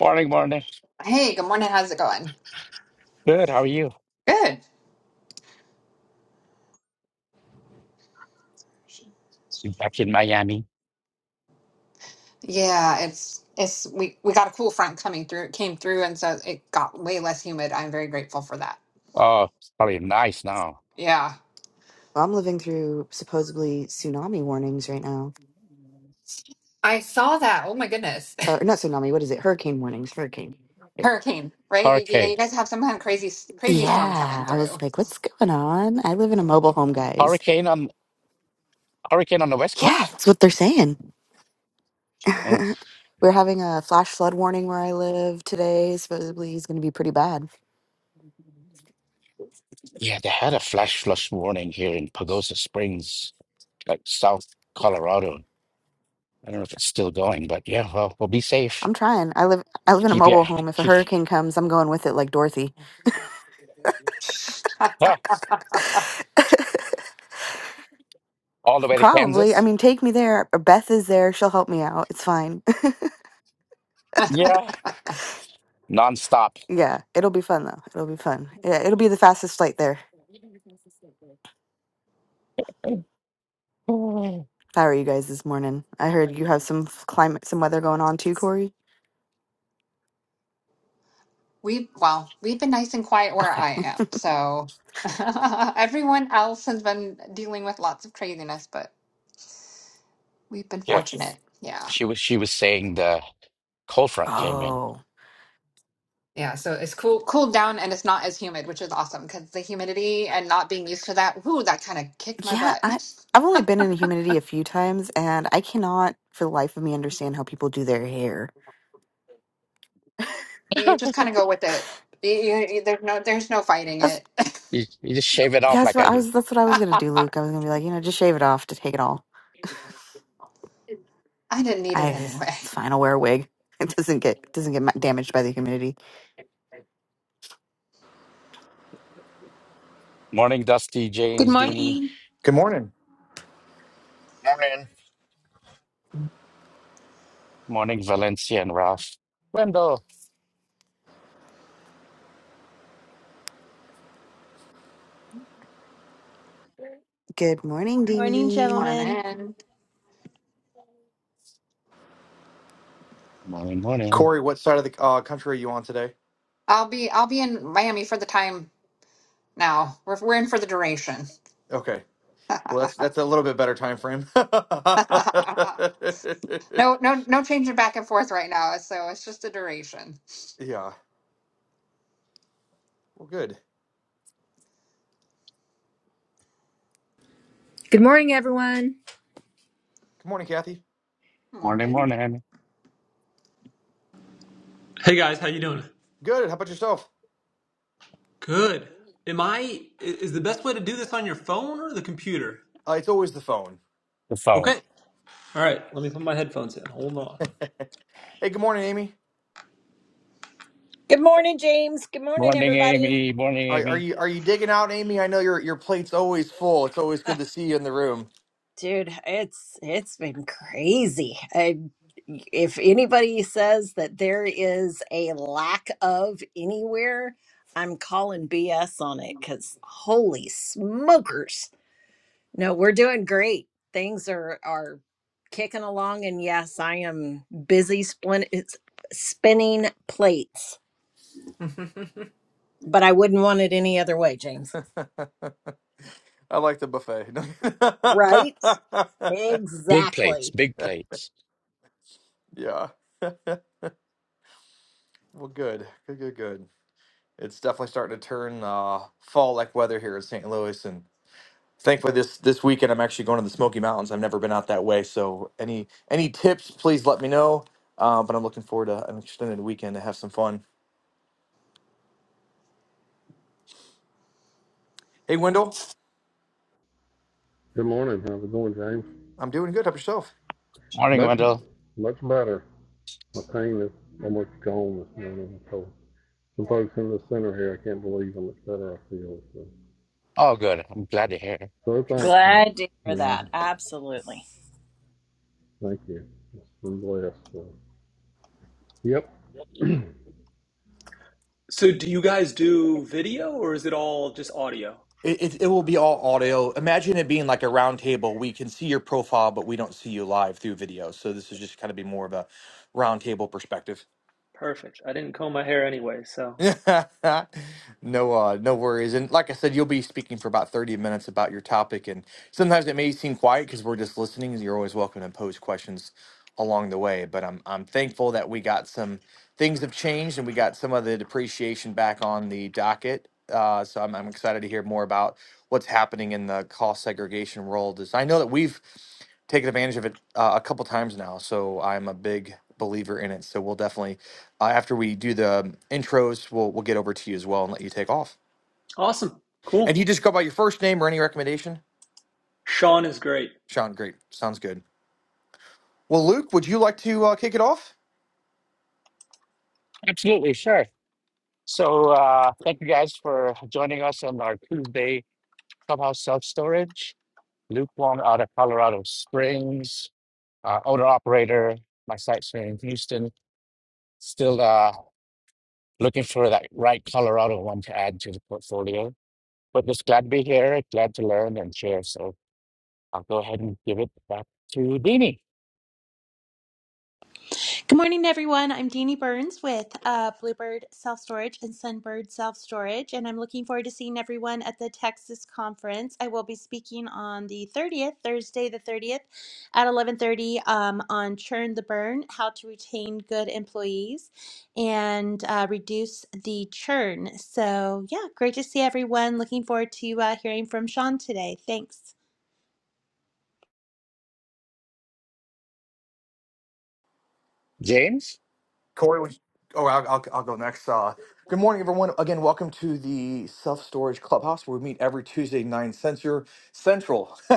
Morning, morning. Hey, good morning. How's it going? Good. How are you? Good. You back in Miami? Yeah, it's it's we we got a cool front coming through. It came through, and so it got way less humid. I'm very grateful for that. Oh, it's probably nice now. Yeah, Well, I'm living through supposedly tsunami warnings right now. I saw that. Oh my goodness. Uh, or not tsunami, what is it? Hurricane warnings, hurricane. Right. hurricane, right? You- Yeah, Hurricane, you guys have some kind of crazy crazy storm Yeah, coming I was through. like, what's going on? I live in a mobile home, guys. hurricane on hurricane on the West Yeah, Coast. that's what they're saying. Oh, We're having a flash flood warning where I live today. Supposedly it's going to be pretty bad. yeah. They had a flash flood warning here in Pagosa Springs, like South Colorado. I don't know if it's still going, but yeah. Well, well, be safe. I'm trying. I live I live in a Keep your mobile home. If a keep, hurricane comes, I'm going with it like Dorothy. Ah, all the way to Probably. I Kansas. mean, take me there. Beth is there. She'll help me out. It's fine. Yeah, nonstop. yeah, it'll be fun though. It'll be fun. Yeah, it'll be the fastest flight there. How are you guys this morning? I heard you have some f- climate, some weather going on too, Corey. We well, we've been nice and quiet where Okay, I am, so everyone else has been dealing with lots of craziness, but we've been Yeah. nice. fortunate. Yeah. She was she was saying the cold front came in. Oh, Yeah, so it's cool, cooled down, and it's not as humid, which is awesome because the humidity and not being used to that, whoo, that kind of kicked my yeah. butt. I I've only been in the humidity a few times, and I cannot, for the life of me, understand how people do their hair. You just kind of go with it. You, you, you- there's no, there's no fighting That's it. You, you just shave it off that's like what I I do. was. That's what I was gonna do, I Luke. I was gonna be like, you know, just shave it off to take it all. didn't need it I just, anyway. it's fine. I'll wear a wig. It doesn't get doesn't get ma- damaged by the humidity. Morning, Dusty, Good James, Deanie. morning. Good morning, Morning. Morning, Valencia and Ralph. Wendell. Good morning, Morning, Dini. gentlemen. Morning. Morning, morning. Corey. What side of the uh, country are you on today? I'll be, I'll be in Miami for the time now. We're we're in for the duration. Okay, well that's that's a little bit better time frame. No, no, no changing back and forth right now. So it's just the duration. yeah, well, good. Good morning, everyone. Good morning, Kathy. Morning, Morning. morning. Hey guys, how you doing? Good. How about yourself? Good. Am I is the best way to do this on your phone or the computer? Uh, it's always the phone. The phone. Okay. All right, let me put my headphones in. Hold on. Hey, good morning, Amy. Good morning, James. Good morning, Morning, everybody. Amy. Morning, Are, are Amy. you are you digging out, Amy? I know your your plate's always full. It's always Ah, good to see you in the room. Dude, it's it's been crazy. I, if anybody says that there is a lack of anywhere, I'm calling BS on it because holy smokers. No, we're doing great. Things are are kicking along, and yes, I am busy splin- it's- spinning plates, but I wouldn't want it any other way, James. I like the buffet. Right? Big plates, Exactly. big plates. yeah. Well, good. Good. Good. Good. It's definitely starting to turn uh, fall like weather here in St. Louis, and Thankfully, this this weekend I'm actually going to the Smoky Mountains. I've never been out that way, so any any tips, please let me know. Uh, but I'm looking forward to an extended weekend to have some fun. Hey, Wendell, Good morning. How's it going, James? I'm doing good. How about yourself? Morning, Much, Wendell. much better. My pain is almost gone this morning. So some folks in the center here, I can't believe how much better I feel. So, All good. I'm glad to hear. so thankful. Glad to hear Yeah, that. Absolutely. thank you. It's been blessed. So. Yep. So do you guys do video or is it all just audio? It, it it will be all audio. Imagine it being like a round table. We can see your profile, but we don't see you live through video. So this is just kind of be more of a round table perspective. Perfect. I didn't comb my hair anyway, so No, uh, no worries. And like I said, you'll be speaking for about 30 minutes about your topic. And sometimes it may seem quiet because we're just listening. You're always welcome to pose questions along the way. But I'm I'm thankful that we got some things have changed and we got some of the depreciation back on the docket. Uh, so I'm I'm excited to hear more about what's happening in the cost segregation world. Is I know that we've taken advantage of it uh, a couple times now, so I'm a big believer in it. So we'll definitely uh, after we do the intros, we'll we'll get over to you as well and let you take off. awesome. And Cool. you just go by your first name or any recommendation. Sean is great. Sean, great, sounds good. Well, Luke, would you like to uh, kick it off? Absolutely, sure. So, uh, thank you guys for joining us on our Tuesday Clubhouse Self Storage. Luke Wong out of Colorado Springs, uh, owner operator. My site's here in Houston. Still uh, looking for that right Colorado one to add to the portfolio. But just glad to be here, glad to learn and share. So I'll go ahead and give it back to Dini. Good morning, everyone. I'm Deanie Burns with uh, Bluebird Self Storage and Sunbird Self Storage, and I'm looking forward to seeing everyone at the Texas conference. I will be speaking on the 30th, Thursday the 30th, at 11:30 um, on Churn the Burn: How to Retain Good Employees and uh, Reduce the Churn. So, yeah, great to see everyone. Looking forward to uh, hearing from Sean today. Thanks. James? Corey, would you- oh, I'll, I'll I'll go next. Uh, good morning, everyone. Again, welcome to the Self Storage Clubhouse, where we meet every Tuesday nine censor central,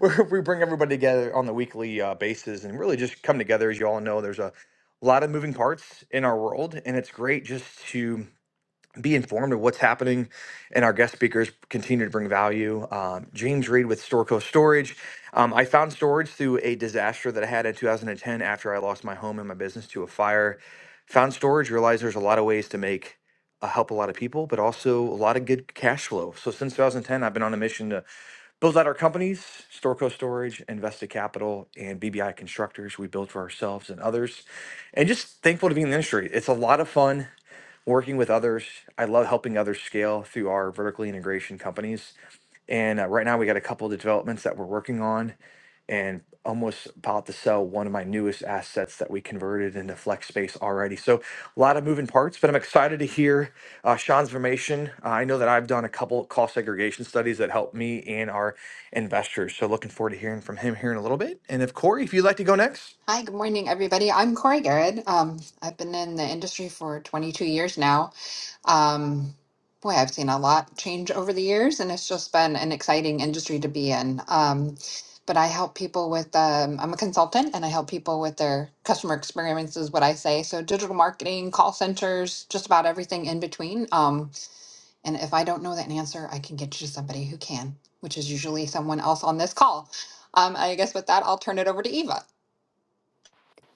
where we bring everybody together on the weekly uh, basis and really just come together. As you all know, there's a lot of moving parts in our world, and it's great just to be informed of what's happening, and our guest speakers continue to bring value. Um, James Reed with Storco Storage. Um, I found storage through a disaster that I had in 2010 after I lost my home and my business to a fire. Found storage, realized there's a lot of ways to make uh, help a lot of people, but also a lot of good cash flow. So since 2010, I've been on a mission to build out our companies, Storco Storage, Invested Capital, and BBI Constructors. We build for ourselves and others. And just thankful to be in the industry. It's a lot of fun working with others. I love helping others scale through our vertically integration companies. And uh, right now, we got a couple of developments that we're working on and almost about to sell one of my newest assets that we converted into flex space already. So, a lot of moving parts, but I'm excited to hear uh, Sean's information. Uh, I know that I've done a couple cost segregation studies that helped me and our investors. So, looking forward to hearing from him here in a little bit. And if Corey, if you'd like to go next. Hi, good morning, everybody. I'm Corey Garrett. Um, I've been in the industry for 22 years now. Um, boy, I've seen a lot change over the years, and it's just been an exciting industry to be in. Um, but I help people with, um, I'm a consultant, and I help people with their customer experience, is what I say. So, digital marketing, call centers, just about everything in between. Um, and if I don't know that answer, I can get you to somebody who can, which is usually someone else on this call. Um, I guess with that, I'll turn it over to Eva.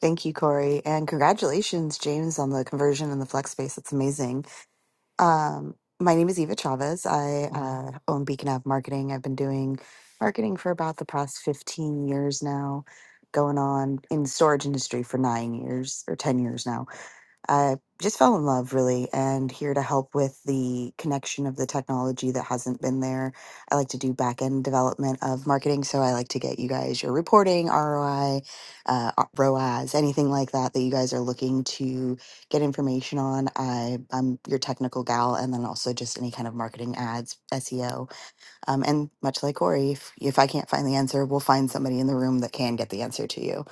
Thank you, Corey, and congratulations, James, on the conversion and the flex space. That's amazing. Um, my name is Eva Chavez. I uh, own Beacon Ave Marketing. I've been doing marketing for about the past 15 years now, going on in the storage industry for nine years or 10 years now. I just fell in love really and here to help with the connection of the technology that hasn't been there. I like to do back end development of marketing. So I like to get you guys your reporting, ROI, uh, uh, ROAS, anything like that that you guys are looking to get information on. I, I'm your technical gal and then also just any kind of marketing ads, SEO. Um, and much like Corey, if, if I can't find the answer, we'll find somebody in the room that can get the answer to you.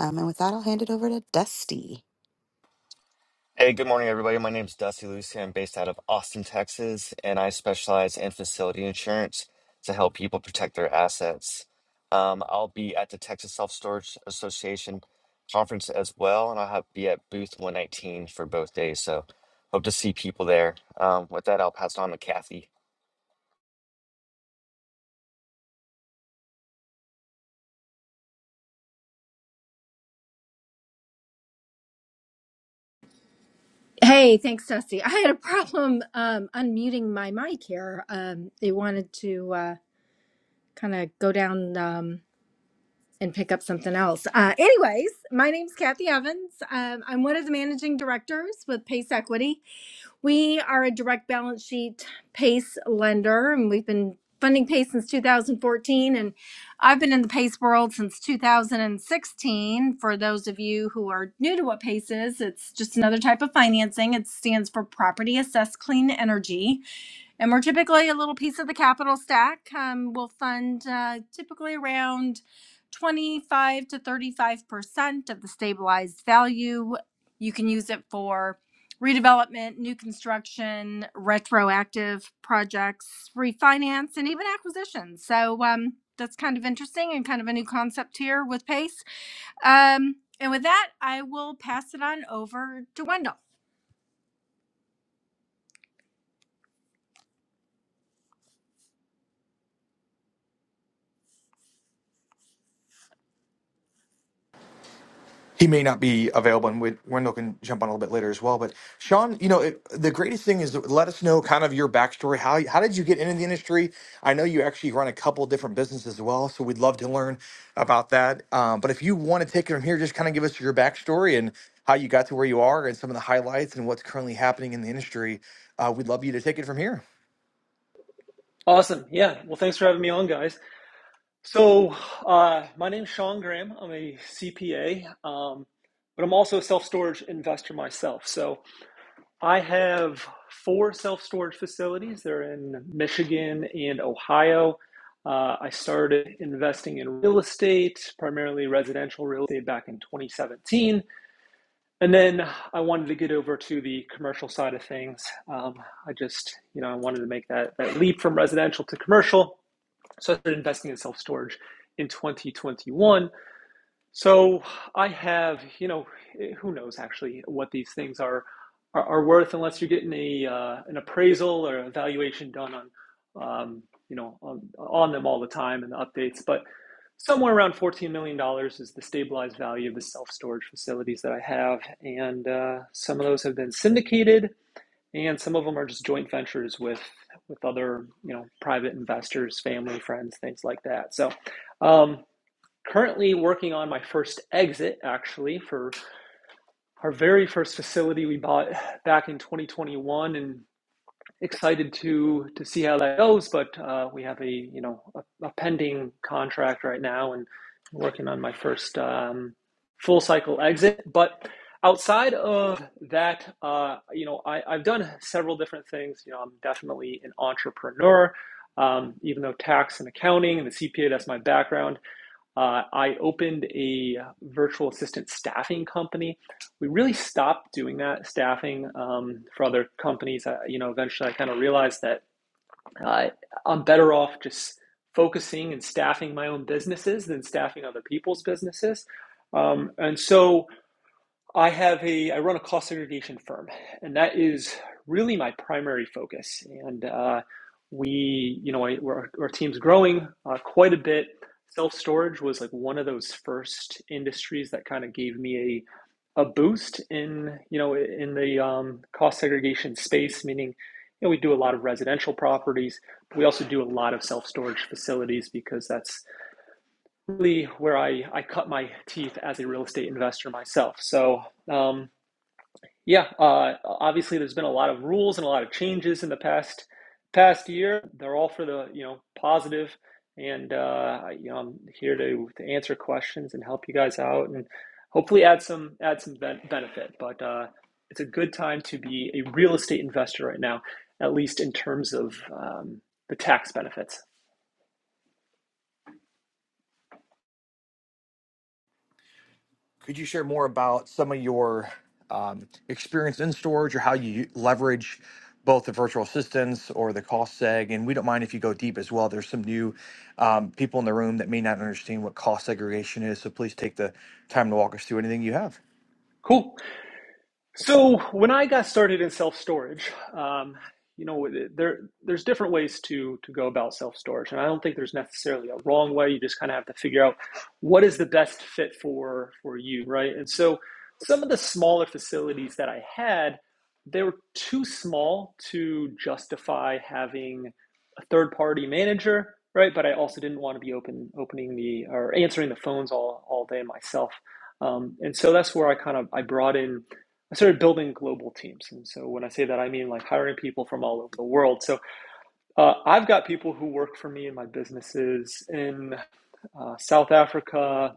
Um, and with that, I'll hand it over to Dusty. Hey, good morning, everybody. My name is Dusty Lucy. I'm based out of Austin, Texas, and I specialize in facility insurance to help people protect their assets. Um, I'll be at the Texas Self Storage Association conference as well, and I'll have, be at booth 119 for both days. So, hope to see people there. Um, with that, I'll pass it on to Kathy. Hey, thanks, Dusty. I had a problem um, unmuting my mic here. Um, they wanted to uh, kind of go down um, and pick up something else. Uh, anyways, my name's Kathy Evans. Um, I'm one of the managing directors with Pace Equity. We are a direct balance sheet PACE lender, and we've been funding PACE since 2014. And I've been in the PACE world since 2016. For those of you who are new to what PACE is, it's just another type of financing. It stands for Property Assessed Clean Energy. And we're typically a little piece of the capital stack. Um, we'll fund uh, typically around 25 to 35% of the stabilized value. You can use it for redevelopment, new construction, retroactive projects, refinance, and even acquisitions. So um, that's kind of interesting and kind of a new concept here with PACE. Um, and with that, I will pass it on over to Wendell. he may not be available, and we- Wendell can jump on a little bit later as well. But Sean, you know, it, the greatest thing is let us know kind of your backstory. How how did you get into the industry? I know you actually run a couple different businesses as well, so we'd love to learn about that. Um, but if you want to take it from here, just kind of give us your backstory and how you got to where you are, and some of the highlights and what's currently happening in the industry. Uh, we'd love you to take it from here. Awesome. Yeah. Well, thanks for having me on, guys. So, uh, my name's Sean Graham. I'm a CPA, um, but I'm also a self storage investor myself. So, I have four self storage facilities. They're in Michigan and Ohio. Uh, I started investing in real estate, primarily residential real estate, back in 2017. And then I wanted to get over to the commercial side of things. Um, I just, you know, I wanted to make that, that leap from residential to commercial. So I started investing in self storage in 2021. So I have, you know, eh, who knows actually what these things are are, are worth unless you're getting a uh, an appraisal or evaluation done on, um, you know, on, on them all the time and the updates. But somewhere around fourteen million dollars is the stabilized value of the self storage facilities that I have, and uh, some of those have been syndicated, and some of them are just joint ventures with with other, you know, private investors, family, friends, things like that. So. Um, currently working on my first exit actually for our very first facility we bought back in 2021 and excited to to see how that goes but uh, we have a you know a, a pending contract right now and working on my first um, full cycle exit but outside of that uh, you know I, i've done several different things you know i'm definitely an entrepreneur um, even though tax and accounting and the cpa that's my background uh, I opened a virtual assistant staffing company. We really stopped doing that staffing um, for other companies. I, you know, eventually I kind of realized that uh, I'm better off just focusing and staffing my own businesses than staffing other people's businesses. Um, and so I have a I run a cost segregation firm, and that is really my primary focus. And uh, we, you know, I, our, our team's growing uh, quite a bit. Self storage was like one of those first industries that kind of gave me a a boost in you know in the um, cost segregation space, meaning you know we do a lot of residential properties, but we also do a lot of self storage facilities because that's really where I I cut my teeth as a real estate investor myself. So. Um, yeah, uh, obviously there's been a lot of rules and a lot of changes in the past past year. They're all for the, you know, positive, and uh, you know, I'm here to, to answer questions and help you guys out and hopefully add some add some ben benefit. But uh, it's a good time to be a real estate investor right now, at least in terms of um, the tax benefits. Could you share more about some of your um, experience in storage or how you leverage both the virtual assistants or the cost seg? And we don't mind if you go deep as well. There's some new um, people in the room that may not understand what cost segregation is. So please take the time to walk us through anything you have. Cool. So when I got started in self storage, um, you know, there there's different ways to to go about self storage, and I don't think there's necessarily a wrong way. You just kind of have to figure out what is the best fit for for you, right? And so some of the smaller facilities that I had, they were too small to justify having a third party manager, right? But I also didn't want to be open opening the or answering the phones all all day myself. Um, and so that's where I kind of I brought in I started building global teams. And so when I say that, I mean like hiring people from all over the world. So uh, I've got people who work for me in my businesses in uh, South Africa,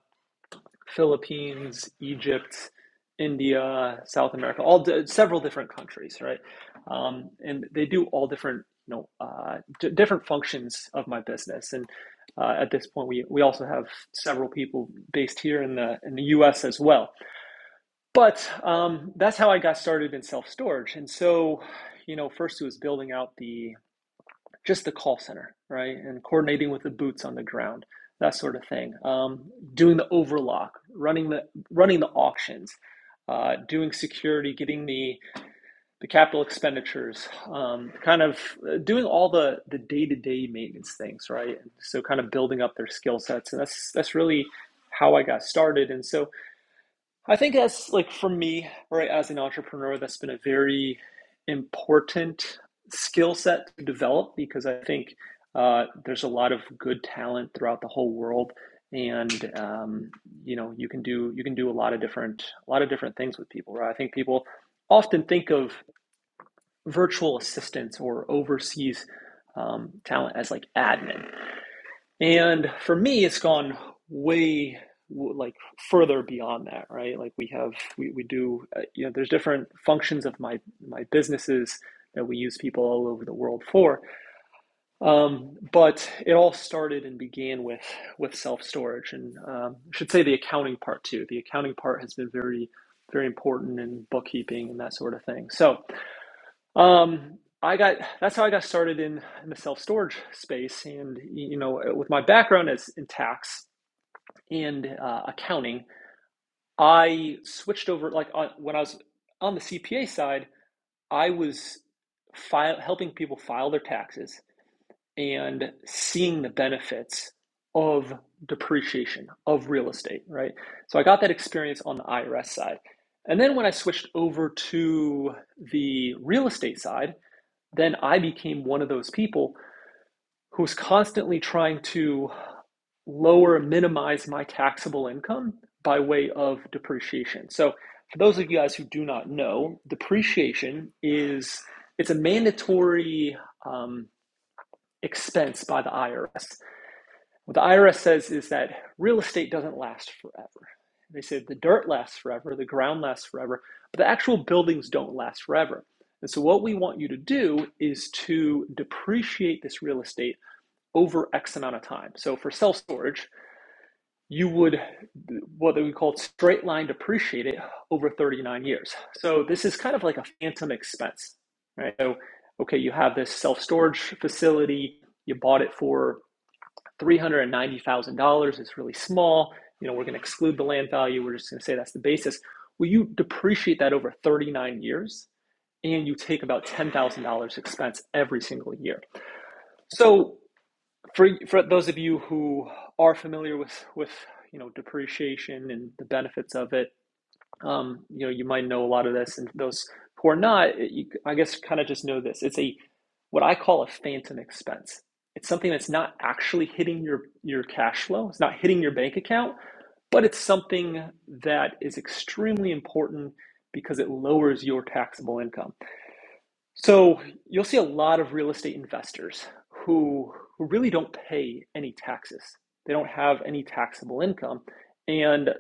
Philippines, Egypt, India, South America, all di- several different countries, right? Um, and they do all different, you know, uh, d- different functions of my business. And uh, at this point, we, we also have several people based here in the in the U.S. as well. But um, that's how I got started in self storage. And so, you know, first it was building out the just the call center, right, and coordinating with the boots on the ground, that sort of thing. Um, doing the overlock, running the running the auctions, uh, doing security, getting the the capital expenditures, um, kind of uh, doing all the the day to day maintenance things, right. And so, kind of building up their skill sets, and that's that's really how I got started. And so I think that's like for me, right, as an entrepreneur, that's been a very important skill set to develop because I think uh, there's a lot of good talent throughout the whole world, and um, you know you can do you can do a lot of different a lot of different things with people. Right, I think people often think of virtual assistants or overseas um, talent as like admin, and for me, it's gone way like further beyond that, right? Like we have, we, we do, uh, you know, there's different functions of my my businesses that we use people all over the world for. Um, but it all started and began with with self storage, and um, I should say the accounting part too. The accounting part has been very very important in bookkeeping and that sort of thing. So um, I got that's how I got started in, in the self storage space, and you know, with my background as in tax and uh, accounting, I switched over. Like on, when I was on the CPA side, I was file, helping people file their taxes and seeing the benefits of depreciation of real estate, right? So I got that experience on the IRS side, and then when I switched over to the real estate side then I became one of those people who's constantly trying to lower, minimize my taxable income by way of depreciation. So, for those of you guys who do not know, depreciation is it's a mandatory um, expense by the IRS. What the IRS says is that real estate doesn't last forever. They say the dirt lasts forever, the ground lasts forever, but the actual buildings don't last forever. And so, what we want you to do is to depreciate this real estate over X amount of time. So, for self storage, you would what we call straight line depreciate it over 39 years. So, this is kind of like a phantom expense, right? So, okay, you have this self storage facility, you bought it for $390,000 It's really small. You know, we're going to exclude the land value. We're just going to say that's the basis. Well, you depreciate that over 39 years and you take about $10,000 expense every single year. So for, for those of you who are familiar with, with, you know, depreciation and the benefits of it, um, you know, you might know a lot of this, and those who are not, you, I guess, kind of just know this. It's a what I call a phantom expense. It's something that's not actually hitting your your cash flow. It's not hitting your bank account, but it's something that is extremely important because it lowers your taxable income. So you'll see a lot of real estate investors who, who really don't pay any taxes. They don't have any taxable income. And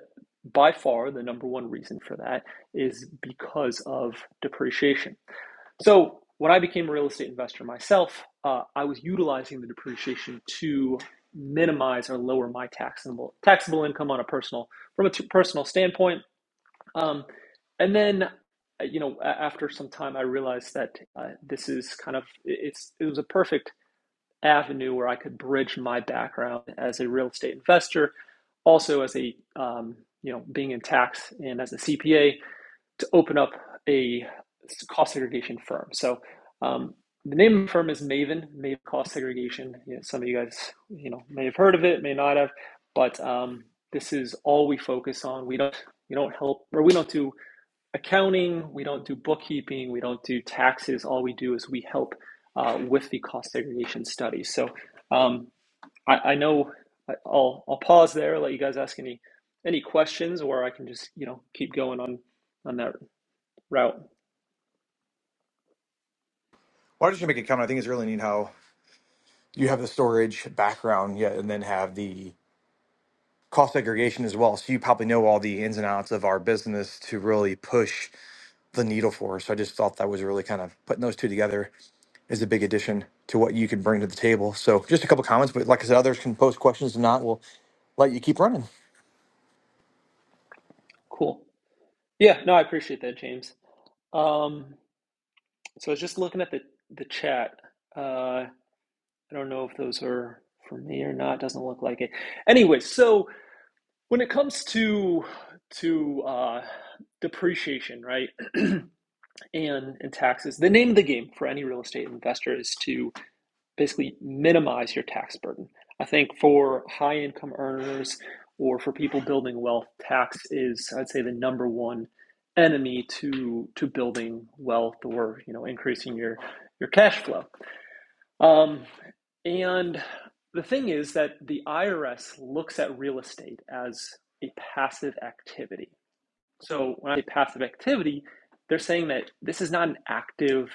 by far, the number one reason for that is because of depreciation. So when I became a real estate investor myself, uh, I was utilizing the depreciation to minimize or lower my taxable taxable income on a personal from a t- personal standpoint um, and then, uh, you know, after some time, I realized that uh, this is kind of it's it was a perfect avenue where I could bridge my background as a real estate investor, also as a um, you know being in tax and as a CPA to open up a cost segregation firm. So. Um, the name of the firm is Maven, Maven Cost Segregation. You know, some of you guys, you know, may have heard of it, may not have, but um, this is all we focus on. We don't, we don't help, or we don't do accounting, we don't do bookkeeping, we don't do taxes. All we do is we help uh, with the cost segregation study. So um, I, I know I- will I'll pause there, let you guys ask any any questions, or I can just you know keep going on on that route. Well, I just want to make a comment. I think it's really neat how you have the storage background, yeah, and then have the cost segregation as well. So you probably know all the ins and outs of our business to really push the needle for us. So I just thought that was really kind of putting those two together is a big addition to what you could bring to the table. So just a couple comments, but like I said, others can post questions and not, we'll let you keep running. Cool. Yeah, no, I appreciate that, James. Um, so I was just looking at the the chat. Uh, I don't know if those are for me or not. Doesn't look like it. Anyway, so. When it comes to to uh, depreciation, right, and and taxes, the name of the game for any real estate investor is to basically minimize your tax burden. I think for high income earners or for people building wealth, tax is I'd say the number one enemy to to building wealth or you know increasing your your cash flow. Um, and the thing is that the IRS looks at real estate as a passive activity. So when I say passive activity, they're saying that this is not an active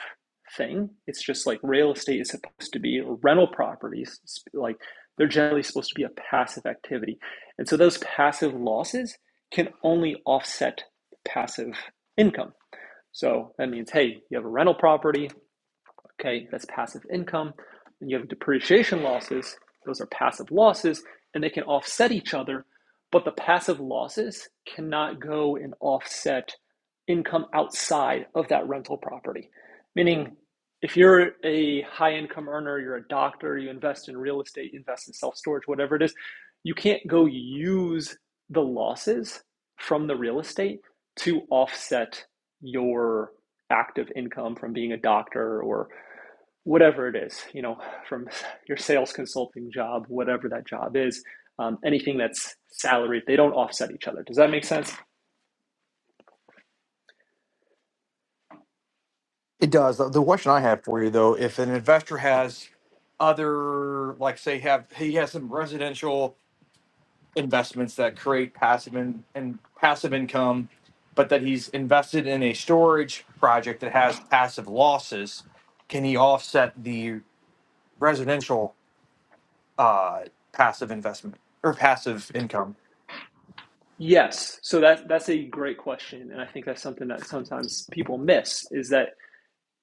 thing. It's just like real estate is supposed to be or rental properties, like they're generally supposed to be a passive activity. And so those passive losses can only offset passive income. So that means, hey, you have a rental property, Okay, that's passive income. And you have depreciation losses. Those are passive losses, and they can offset each other, but the passive losses cannot go and offset income outside of that rental property. Meaning, if you're a high income earner, you're a doctor, you invest in real estate, you invest in self storage, whatever it is, you can't go use the losses from the real estate to offset your active income from being a doctor or whatever it is, you know, from your sales consulting job, whatever that job is, um, anything that's salaried, they don't offset each other. Does that make sense? It does. The the question I have for you though, if an investor has other, like say have, he has some residential investments that create passive and, and passive income, but that he's invested in a storage project that has passive losses, can he offset the residential uh, passive investment or passive income? Yes. So that that's a great question, and I think that's something that sometimes people miss is that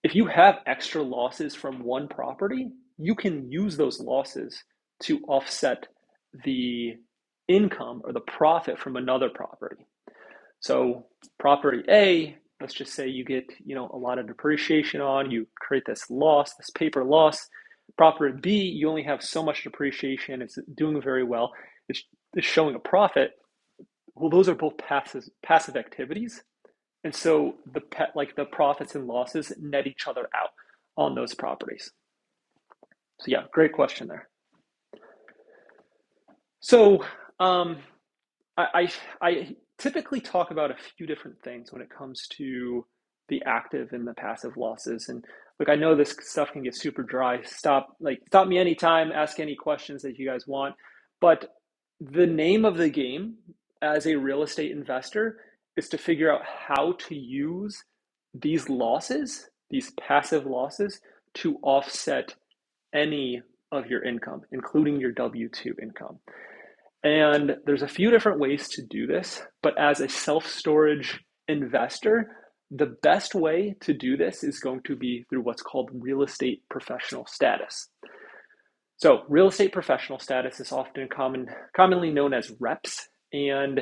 if you have extra losses from one property, you can use those losses to offset the income or the profit from another property. So property A, let's just say you get, you know, a lot of depreciation on, you create this loss, this paper loss. Property B, you only have so much depreciation, it's doing very well, it's, it's showing a profit. Well, those are both passive passive activities. And so the pet like the profits and losses net each other out on those properties. So yeah, great question there. So um I, I I typically talk about a few different things when it comes to the active and the passive losses. And look, I know this stuff can get super dry. Stop, like, stop me anytime. Ask any questions that you guys want. But the name of the game as a real estate investor is to figure out how to use these losses, these passive losses, to offset any of your income, including your W 2 income. And there's a few different ways to do this, but as a self storage investor, the best way to do this is going to be through what's called real estate professional status. So, real estate professional status is often common, commonly known as reps, and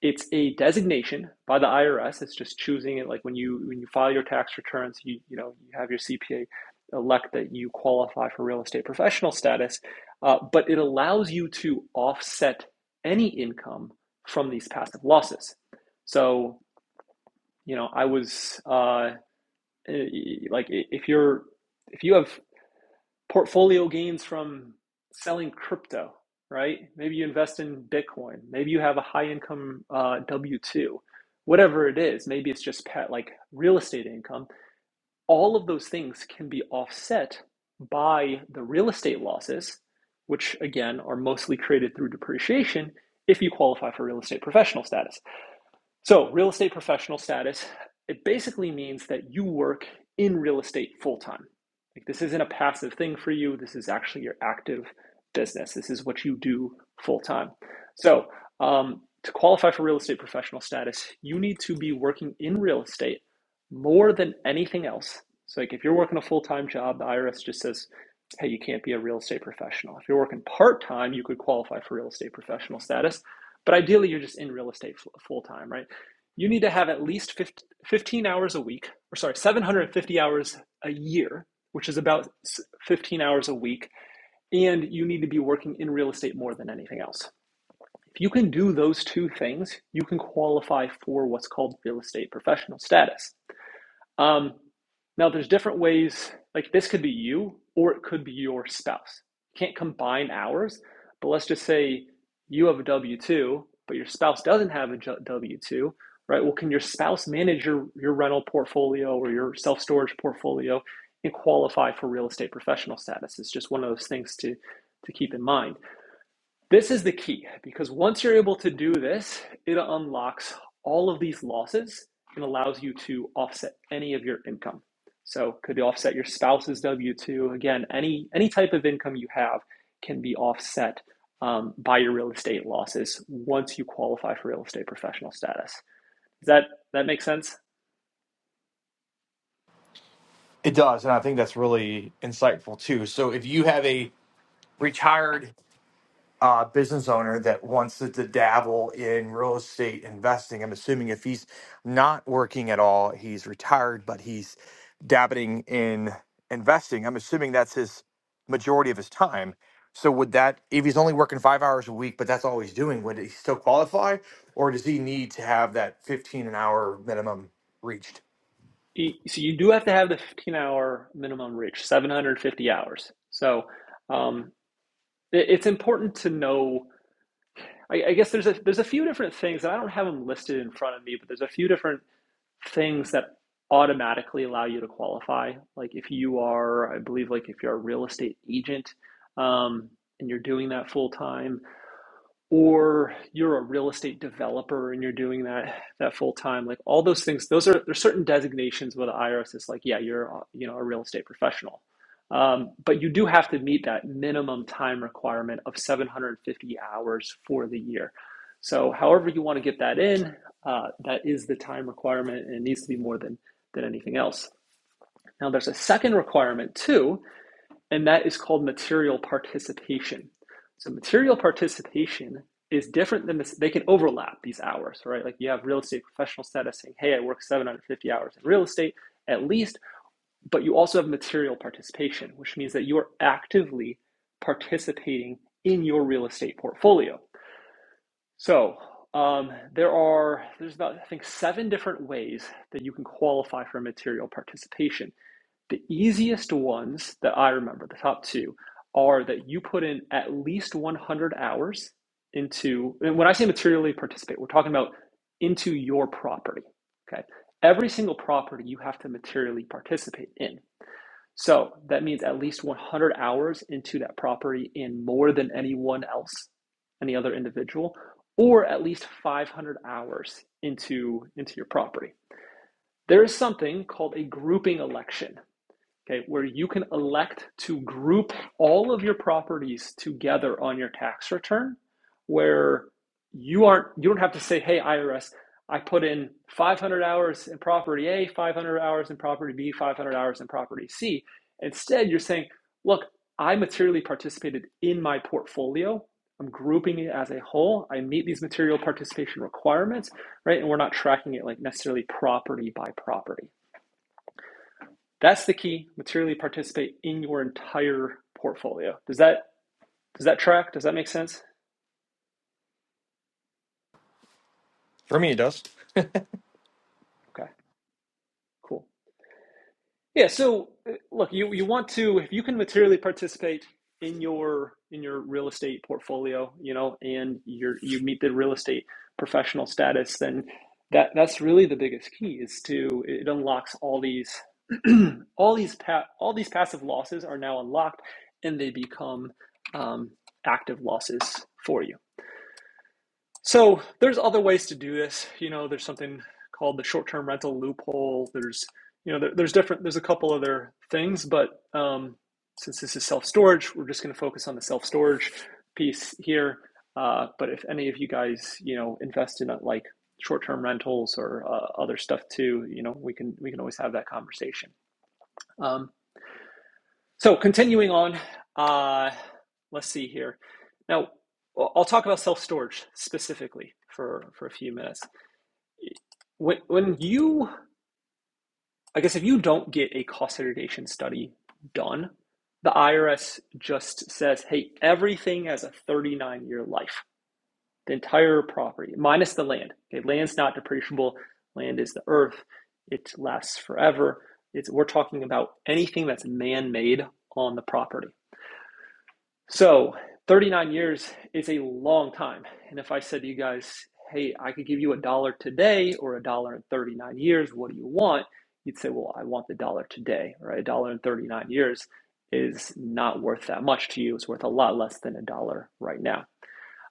it's a designation by the IRS. It's just choosing it, like when you when you file your tax returns, you you know you have your CPA elect that you qualify for real estate professional status, uh, but it allows you to offset any income from these passive losses. So, you know, I was uh, eh, like if you're if you have portfolio gains from selling crypto, right? Maybe you invest in Bitcoin. Maybe you have a high income uh, W 2, whatever it is. Maybe it's just pet, like real estate income. All of those things can be offset by the real estate losses, which again are mostly created through depreciation if you qualify for real estate professional status. So, real estate professional status, it basically means that you work in real estate full time. Like this isn't a passive thing for you. This is actually your active business. This is what you do full time. So, um, to qualify for real estate professional status, you need to be working in real estate more than anything else. So, like if you're working a full time job, the IRS just says, hey, you can't be a real estate professional. If you're working part time, you could qualify for real estate professional status. But ideally, you're just in real estate full time, right? you need to have at least 15 hours a week, or sorry, 750 hours a year, which is about 15 hours a week, and you need to be working in real estate more than anything else. If you can do those two things, you can qualify for what's called real estate professional status. Um, now, there's different ways, like this could be you or it could be your spouse. You can't combine hours, but let's just say you have a W 2, but your spouse doesn't have a W 2, right? Well, can your spouse manage your, your rental portfolio or your self storage portfolio and qualify for real estate professional status? It's just one of those things to, to keep in mind. This is the key because once you're able to do this, it unlocks all of these losses and allows you to offset any of your income. So could offset your spouse's W-2. Again, any any type of income you have can be offset um, by your real estate losses once you qualify for real estate professional status. Does that that make sense? It does, and I think that's really insightful too. So, if you have a retired uh, business owner that wants to, to dabble in real estate investing, I'm assuming if he's not working at all, he's retired, but he's dabbling in investing. I'm assuming that's his majority of his time. So, would that if he's only working five hours a week, but that's all he's doing, would he still qualify, or does he need to have that 15 an hour minimum reached? So you do have to have the 15-hour minimum reach, 750 hours. So um, it's important to know I, I guess there's a there's a few different things, and I don't have them listed in front of me, but there's a few different things that automatically allow you to qualify. Like if you are, I believe, like if you're a real estate agent, um, and you're doing that full time, or you're a real estate developer and you're doing that that full time like all those things those are there's certain designations where the irs is like yeah you're uh, you know a real estate professional um, but you do have to meet that minimum time requirement of 750 hours for the year so however you want to get that in uh, that is the time requirement and it needs to be more than than anything else now there's a second requirement too and that is called material participation. So material participation is different than this. They can overlap these hours, right? Like you have real estate professional status saying, "Hey, I work 750 hours in real estate at least," but you also have material participation, which means that you are actively participating in your real estate portfolio. So um, there are there's about I think seven different ways that you can qualify for material participation. The easiest ones that I remember, the top two, are that you put in at least 100 hours into, and when I say materially participate, we're talking about into your property. Okay. Every single property you have to materially participate in. So that means at least 100 hours into that property and more than anyone else, any other individual, or at least 500 hours into, into your property. There is something called a grouping election okay, where you can elect to group all of your properties together on your tax return, where you aren't you don't have to say, hey IRS, I put in 500 hours in property A, 500 hours in property B, 500 hours in property C. Instead, you're saying, look, I materially participated in my portfolio. I'm grouping it as a whole. I meet these material participation requirements, right? And we're not tracking it like necessarily property by property. That's the key. Materially participate in your entire portfolio. Does that does that track? Does that make sense? For me, it does. Okay, cool. Yeah. So uh, look, you you want to if you can materially participate in your in your real estate portfolio, you know, and you're you meet the real estate professional status, then that that's really the biggest key is to it unlocks all these all these pa- all these passive losses are now unlocked and they become um, active losses for you. So there's other ways to do this. You know, there's something called the short-term rental loophole. There's, you know, there, there's different. There's a couple other things, but um, since this is self-storage, we're just going to focus on the self-storage piece here. Uh, but if any of you guys, you know, invest in uh, like short-term rentals or uh, other stuff too, you know, we can we can always have that conversation. Um, so continuing on, uh, let's see here. Now, I'll I'll talk about self storage specifically for for a few minutes. When when you, I guess, if you don't get a cost segregation study done, the IRS just says, "Hey, everything has a 39 year life. The entire property, minus the land. Okay, land's not depreciable. Land is the earth. It lasts forever. It's we're talking about anything that's man made on the property." So, 39 years is a long time. And if I said to you guys, hey, I could give you a dollar today or a dollar in 39 years, what do you want? You'd say, well, I want the dollar today, right? A dollar in 39 years is not worth that much to you. It's worth a lot less than a dollar right now.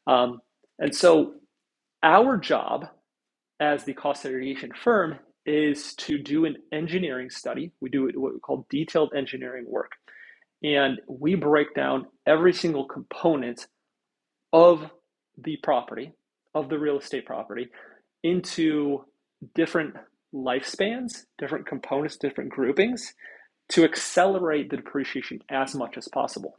Um, and so, our job as the cost segregation firm is to do an engineering study. We do what we call detailed engineering work and we break down every single component of the property, of the real estate property, into different lifespans, different components, different groupings to accelerate the depreciation as much as possible.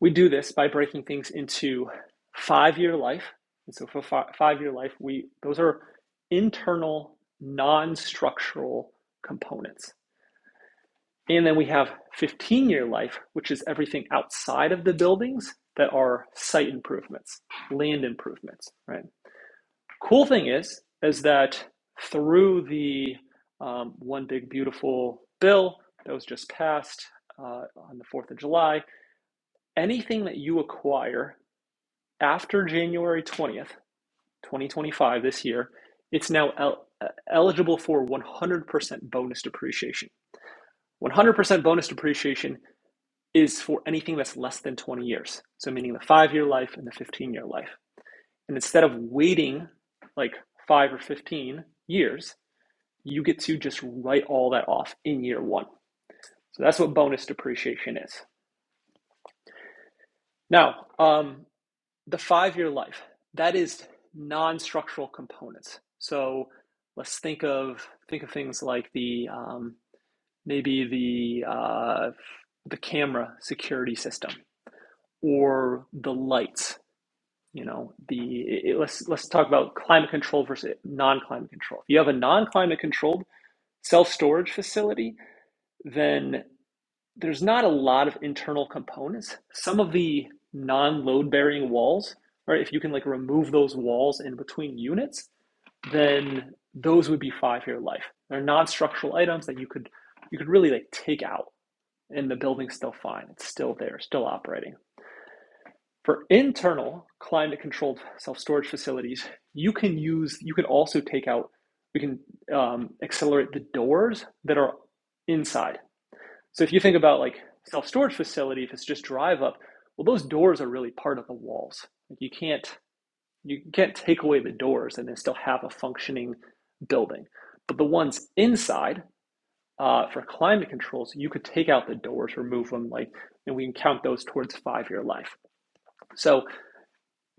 We do this by breaking things into five year life. And so for fi- five year life, we those are internal non structural components. And then we have 15 year life, which is everything outside of the buildings that are site improvements, land improvements, right? Cool thing is, is that through the um, one big beautiful bill that was just passed uh, on the 4th of July, anything that you acquire after January 20th, 2025, this year, it's now el- uh, eligible for 100% bonus depreciation. 100% bonus depreciation is for anything that's less than 20 years. So, meaning the five year life and the 15 year life. And instead of waiting like five or 15 years, you get to just write all that off in year one. So, that's what bonus depreciation is. Now, um, the five year life, that is non structural components. So, let's think of think of things like the um, maybe the uh, the camera security system or the lights you know the it, let's let's talk about climate control versus non-climate control if you have a non-climate controlled self-storage facility then there's not a lot of internal components some of the non-load bearing walls right if you can like remove those walls in between units then those would be five year life they're non-structural items that you could you could really like take out and the building's still fine it's still there still operating for internal climate controlled self storage facilities, you can use, you can also take out, we can um, accelerate the doors that are inside. So if you think about like self storage facility, if it's just drive up, well, those doors are really part of the walls. Like you can't, you can't take away the doors and then still have a functioning building. But the ones inside uh, for climate controls, you could take out the doors, remove them, like, and we can count those towards five year life. So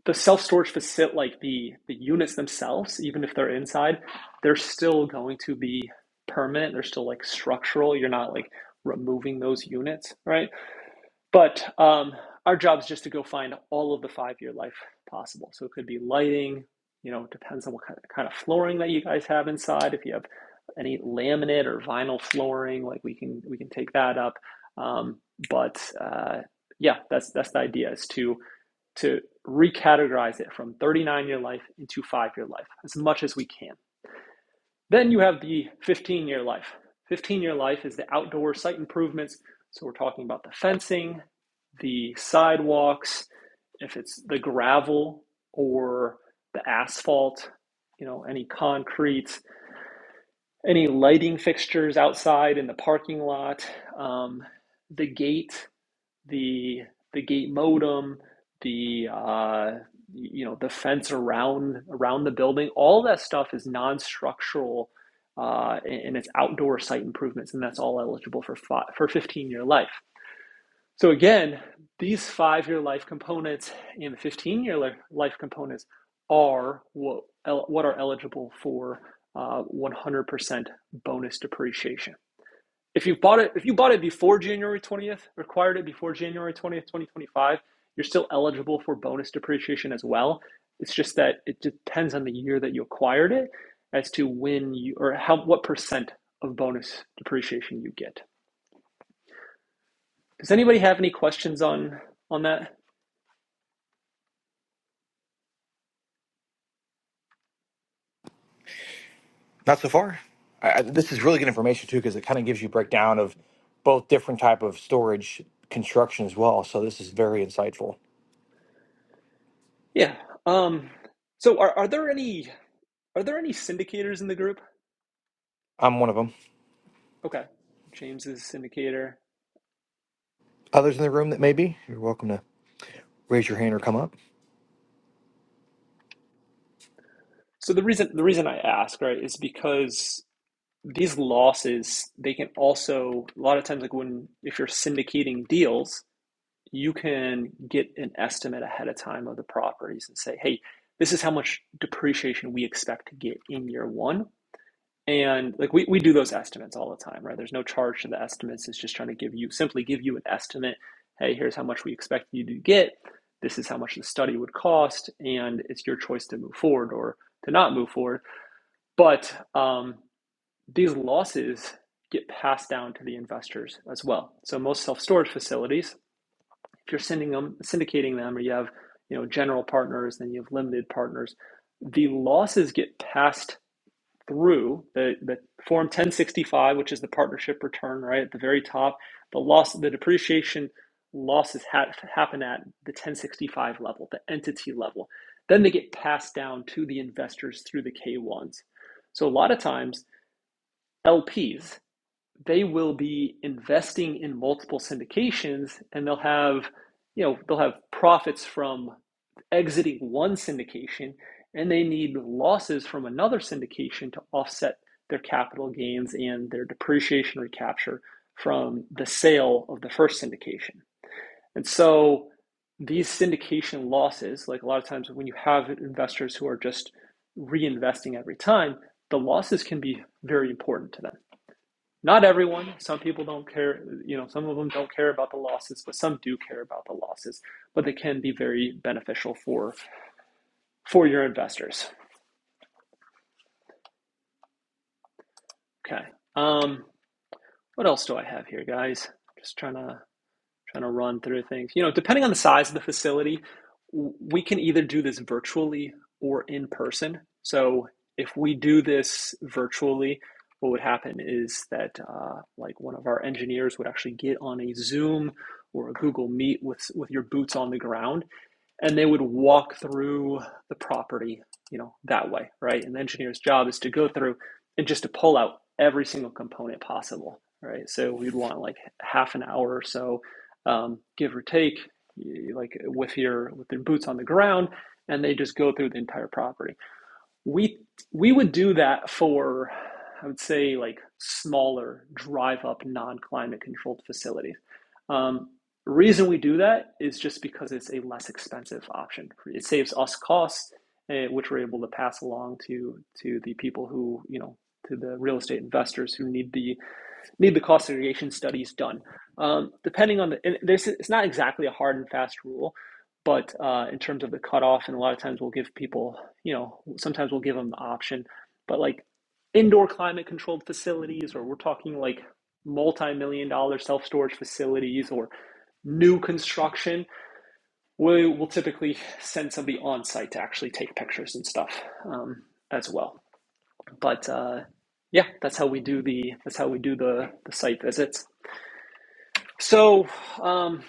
the self-storage facility, like the the units themselves, even if they're inside, they're still going to be permanent. They're still like structural. You're not like removing those units, right? But um, our job is just to go find all of the five-year life possible. So it could be lighting. You know, depends on what kind of, kind of flooring that you guys have inside. If you have any laminate or vinyl flooring, like we can we can take that up. Um, but uh, yeah, that's that's the idea is to to recategorize it from 39 year life into five year life as much as we can. Then you have the 15 year life. 15 year life is the outdoor site improvements. So we're talking about the fencing, the sidewalks, if it's the gravel or the asphalt, you know, any concrete, any lighting fixtures outside in the parking lot, um, the gate, the the gate modem, the uh, you know the fence around around the building. All that stuff is non-structural, uh, and it's outdoor site improvements, and that's all eligible for five, for 15-year life. So again, these five-year life components and the 15-year life components are what what are eligible for uh, 100% bonus depreciation. If you bought it, if you bought it before January 20th, acquired it before January 20th, 2025, you're still eligible for bonus depreciation as well. It's just that it depends on the year that you acquired it as to when you or how what percent of bonus depreciation you get. Does anybody have any questions on on that? Not so far. I, I, this is really good information too because it kind of gives you a breakdown of both different type of storage construction as well. So this is very insightful. Yeah. Um so are, are there any are there any syndicators in the group? I'm one of them. Okay. James is a syndicator. Others in the room that may be, you're welcome to raise your hand or come up. So the reason the reason I ask, right, is because these losses they can also a lot of times like when if you're syndicating deals you can get an estimate ahead of time of the properties and say hey this is how much depreciation we expect to get in year one and like we, we do those estimates all the time right there's no charge to the estimates it's just trying to give you simply give you an estimate hey here's how much we expect you to get this is how much the study would cost and it's your choice to move forward or to not move forward but um, these losses get passed down to the investors as well. So most self-storage facilities, if you're sending them, syndicating them, or you have you know general partners, then you have limited partners, the losses get passed through the, the form 1065, which is the partnership return, right at the very top. The loss, the depreciation losses ha- happen at the 1065 level, the entity level. Then they get passed down to the investors through the K1s. So a lot of times LPs they will be investing in multiple syndications and they'll have you know they'll have profits from exiting one syndication and they need losses from another syndication to offset their capital gains and their depreciation recapture from the sale of the first syndication. And so these syndication losses, like a lot of times when you have investors who are just reinvesting every time, the losses can be very important to them. Not everyone. Some people don't care. You know, some of them don't care about the losses, but some do care about the losses. But they can be very beneficial for for your investors. Okay. Um, what else do I have here, guys? Just trying to trying to run through things. You know, depending on the size of the facility, we can either do this virtually or in person. So if we do this virtually, what would happen is that uh, like one of our engineers would actually get on a Zoom or a Google Meet with with your boots on the ground and they would walk through the property, you know, that way, right? And the engineer's job is to go through and just to pull out every single component possible, right? So we'd want like half an hour or so, um, give or take, like with your with your boots on the ground, and they just go through the entire property we we would do that for i would say like smaller drive up non-climate controlled facilities um, reason we do that is just because it's a less expensive option it saves us costs eh, which we're able to pass along to to the people who you know to the real estate investors who need the need the cost segregation studies done. Um, depending on the, and there's, it's not exactly a hard and fast rule, but uh, in terms of the cutoff, and a lot of times we'll give people, you know, sometimes we'll give them the option, but like indoor climate controlled facilities, or we're talking like multi million dollar self storage facilities, or new construction, we will typically send somebody on site to actually take pictures and stuff um, as well. But uh, yeah, that's how we do the that's how we do the the site visits. So, um,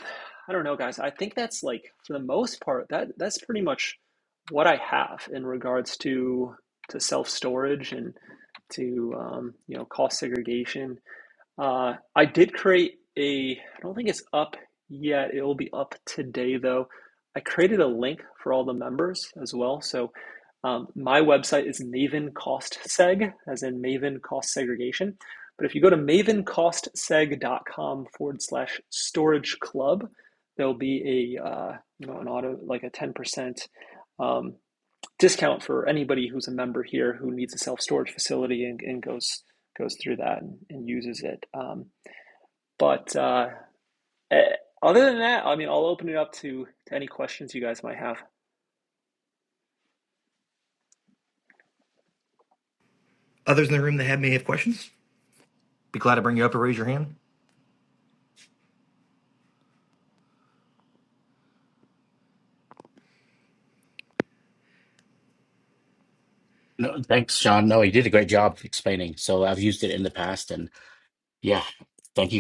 I don't know, guys. I think that's like for the most part that that's pretty much what I have in regards to to self storage and to um, you know cost segregation. Uh, I did create a, I don't think it's up yet. It will be up today though. I created a link for all the members as well. So um, my website is Maven Cost Seg, as in Maven Cost Segregation. But if you go to Maven Cost Seg dot com forward slash storage club, there'll be a uh, you know an auto like a ten percent um, discount for anybody who's a member here who needs a self storage facility and, and goes goes through that and, and uses it. Um, but uh, eh, other than that, I mean, I'll open it up to, to any questions you guys might have, of Others in the room that have may have questions, be glad to bring you up or raise your hand. No, thank you. Yeah, thank you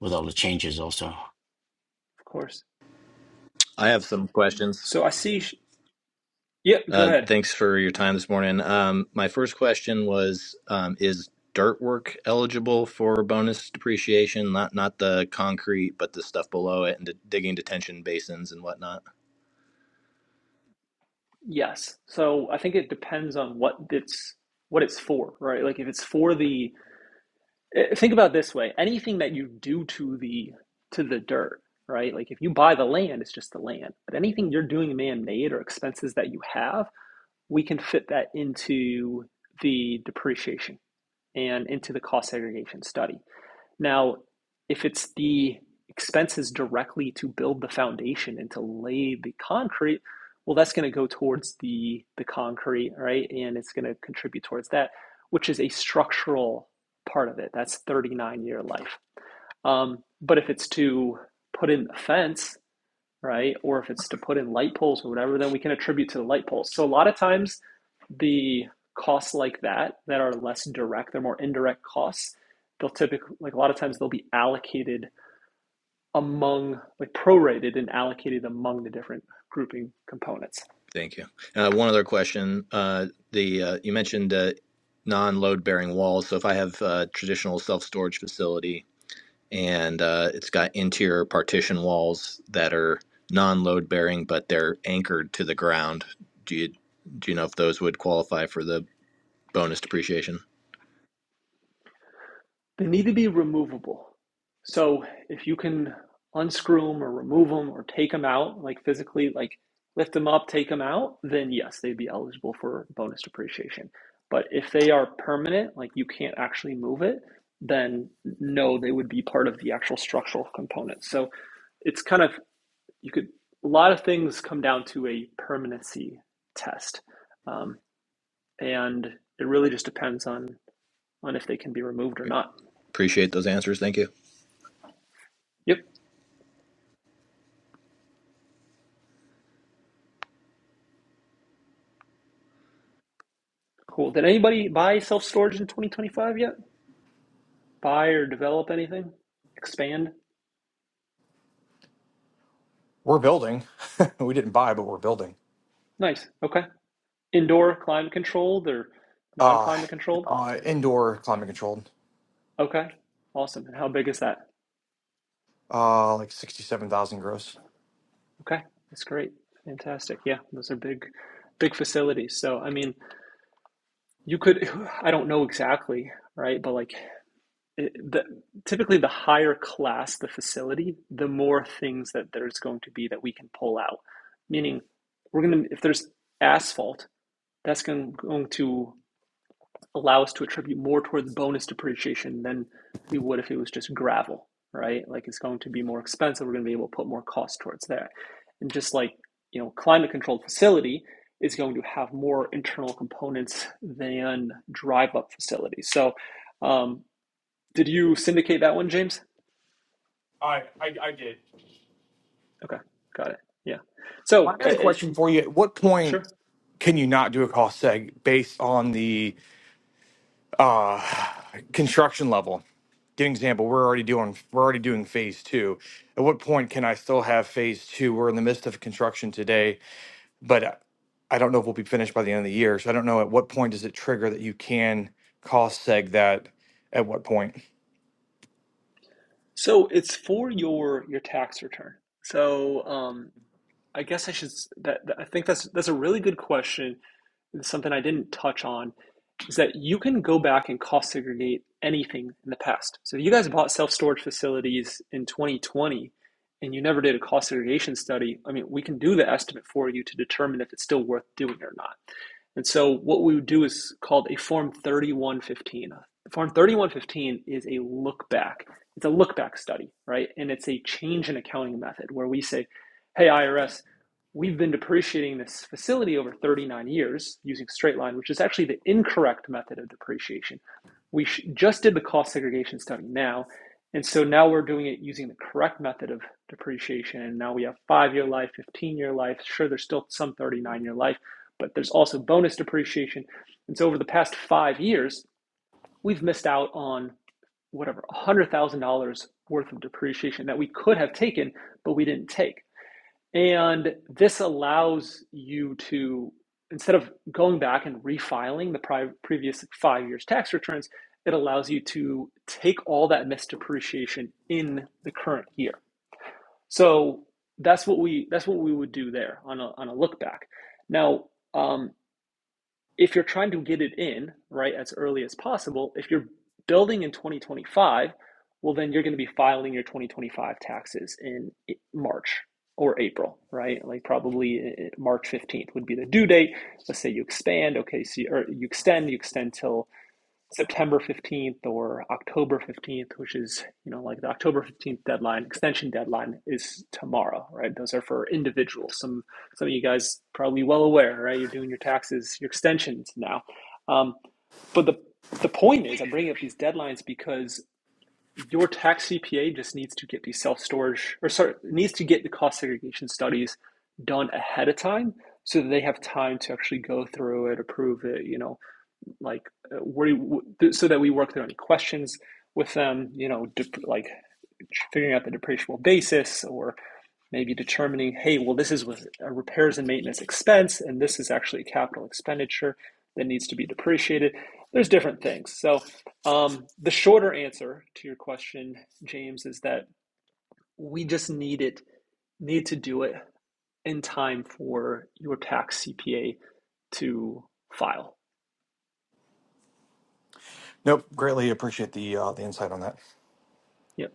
for that. course. I have some questions. So I see. sh- Yeah, go Uh, ahead. thanks for your time this morning. Um, my first question was: um, Is dirt work eligible for bonus depreciation? Not not the concrete, but the stuff below it, and the digging detention basins and whatnot. Yes. So I think it depends on what it's what it's for, right? Like if it's for the eh, think about it this way, anything that you do to the to the dirt, right? Like if you buy the land, it's just the land. But anything you're doing man-made or expenses that you have we can fit that into the depreciation and into the cost segregation study. Now, if it's the expenses directly to build the foundation and to lay the concrete, well, that's going to go towards the the concrete, right? And it's going to contribute towards that, which is a structural part of it. That's 39 year life. Um, but if it's to put in the fence right? Or if it's to put in light poles or whatever, then we can attribute to the light poles. So a lot of times the costs like that that are less direct, they're more indirect costs, they'll typically like a lot of times they'll be allocated among like prorated and allocated among the different grouping components. Thank you. Uh, one other question: uh, The uh, you mentioned uh, non-load bearing walls. So if I have a traditional self-storage facility and uh, it's got interior partition walls that are non-load bearing, but they're anchored to the ground. Do you do you know if those would qualify for the bonus depreciation? They need to be removable. So if you can unscrew them or remove them or take them out, like physically, like lift them up, take them out, then yes, they'd be eligible for bonus depreciation. But if they are permanent, like you can't actually move it, then no, they would be part of the actual structural component. So it's kind of, you could, a lot of things come down to a permanency test. Um, and it really just depends on on if they can be removed or not. Appreciate those answers. Thank you. Yep. Cool. Did anybody buy self storage in 2025 yet? Buy or develop anything? Expand? We're building. we didn't buy, but we're building. Nice. Okay. Indoor climate controlled or non Uh, climate controlled? uh indoor climate controlled. Okay. Awesome. And how big is that? Uh, like sixty-seven thousand gross. Okay. That's great. Fantastic. Yeah. Those are big, big facilities. So, I mean, you could, I don't know exactly, right? But like, it, the, typically the higher class the facility, the more things that there's going to be that we can pull out. Meaning, we're going to, if there's asphalt, that's going to allow us to attribute more towards bonus depreciation than we would if it was just gravel, right? Like it's going to be more expensive. We're going to be able to put more cost towards there. And just like, you know, climate controlled facility is going to have more internal components than drive up facilities. So, um, did you syndicate that one, James? I, I, I did. Okay, got it. Yeah. My So, uh, uh, other question for you: At what point sure. can you not do a cost seg based on the? uh, construction level. Give an example. We're already doing we're already doing phase two. At what point can I still have phase two? We're in the midst of construction today, but I don't know if we'll be finished by the end of the year. So I don't know at what point does it trigger that you can cost seg that. At what point? So it's for your your tax return. So, um, I guess I should that, that- I think that's that's a really good question. It's something I didn't touch on is that you can go back and cost segregate anything in the past. So if you guys bought self-storage facilities in 2020 and you never did a cost segregation study, I mean, we can do the estimate for you to determine if it's still worth doing or not. And so what we would do is called a Form 3115. Form 3115 is a look back. It's a look back study, right? And it's a change in accounting method where we say, hey, IRS, we've been depreciating this facility over 39 years using straight line, which is actually the incorrect method of depreciation. We sh- just did the cost segregation study now. And so now we're doing it using the correct method of depreciation. And now we have five year life, 15 year life. Sure, there's still some 39 year life, but there's also bonus depreciation. And so over the past five years, we've missed out on whatever, $100,000 worth of depreciation that we could have taken, but we didn't take. And this allows you to, instead of going back and refiling the pri- previous five years' tax returns, it allows you to take all that missed depreciation in the current year. So that's what we that's what we would do there on a, on a look back. Now, um, if you're trying to get it in right as early as possible if you're building in 2025 well then you're going to be filing your 2025 taxes in march or april right like probably uh, uh, march 15th would be the due date let's say you expand okay so you, or you extend you extend till September 15th or October 15th, which is, you know, like the October 15th deadline, extension deadline is tomorrow, right? Those are for individuals. Some some of you guys probably well aware, right? You're doing your taxes, your extensions now. Um, but the the point is, I'm bringing up these deadlines because your tax CPA just needs to get these self storage or sorry needs to get the cost segregation studies done ahead of time so that they have time to actually go through it, approve it, you know, like uh, where so that we work through any questions with them you know like figuring out the depreciable basis or maybe determining hey well this is with a repairs and maintenance expense and this is actually a capital expenditure that needs to be depreciated there's different things so um, the shorter answer to your question james is that we just need it need to do it in time for your tax cpa to file. Nope. Greatly appreciate the uh, the insight on that. You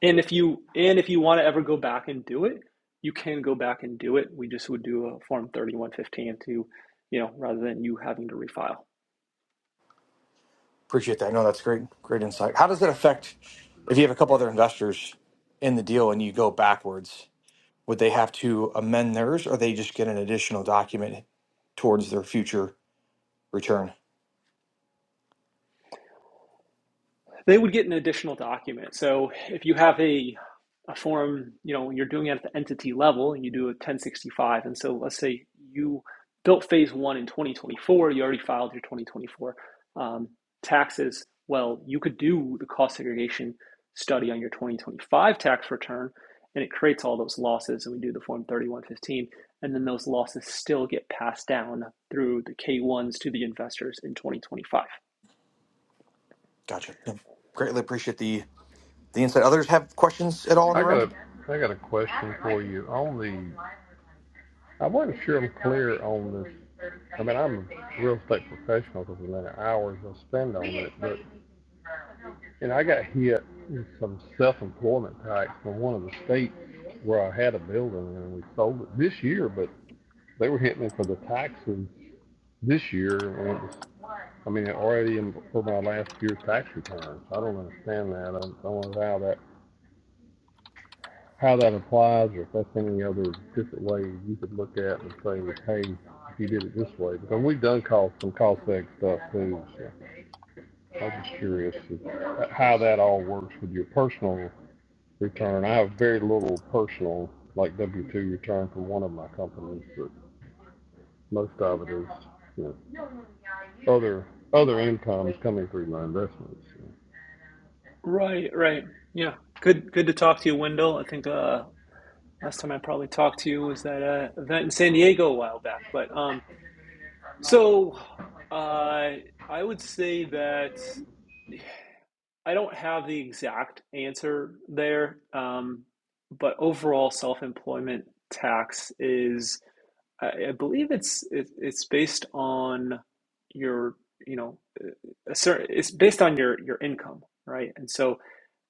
And if you and if you want to ever go back and do it, you can go back and do it. We just would do a form 3115 to, you know, rather than you having to refile. Appreciate that. No, that's great. Great insight. How does it affect if you have a couple other investors in the deal and you go backwards? Would they have to amend theirs or they just get an additional document towards their future return? They would get an additional document. So if you have a a form, you know, you're doing it at the entity level and you do a 1065. And so let's say you built phase one in 2024, you already filed your 2024 um, taxes. Well, you could do the cost segregation study on your 2025 tax return and it creates all those losses. And we do the form 3115. And then those losses still get passed down through the K1s to the investors in 2025. Gotcha. Yeah. Greatly appreciate the the insight. Others have questions at all in I the got room? a, I got a question for you on the. I wasn't sure I'm clear on this. I mean, I'm a real estate professional because of the amount of hours I spend on it, but And I got hit with some self-employment tax from one of the states where I had a building and we sold it this year, but they were hitting me for the taxes this year. And it was, I mean, already in, for my last year's tax returns. I don't understand that. I don't know how that how that applies or if that's any other different way you could look at and say, hey, if you did it this way. Because we've done call, some cost seg stuff too. So I was just curious how that all works with your personal return. I have very little personal, like W two return from one of my companies, but most of it is, you know, other, other incomes coming through my investments. so. Right, right. Yeah. Good good to talk to you, Wendell. I think uh last time I probably talked to you was that uh event in San Diego a while back. But um so uh I would say that I don't have the exact answer there. Um but overall self-employment tax is I, I believe it's it, it's based on your, you know, uh, a certain it's based on your your income, right? And so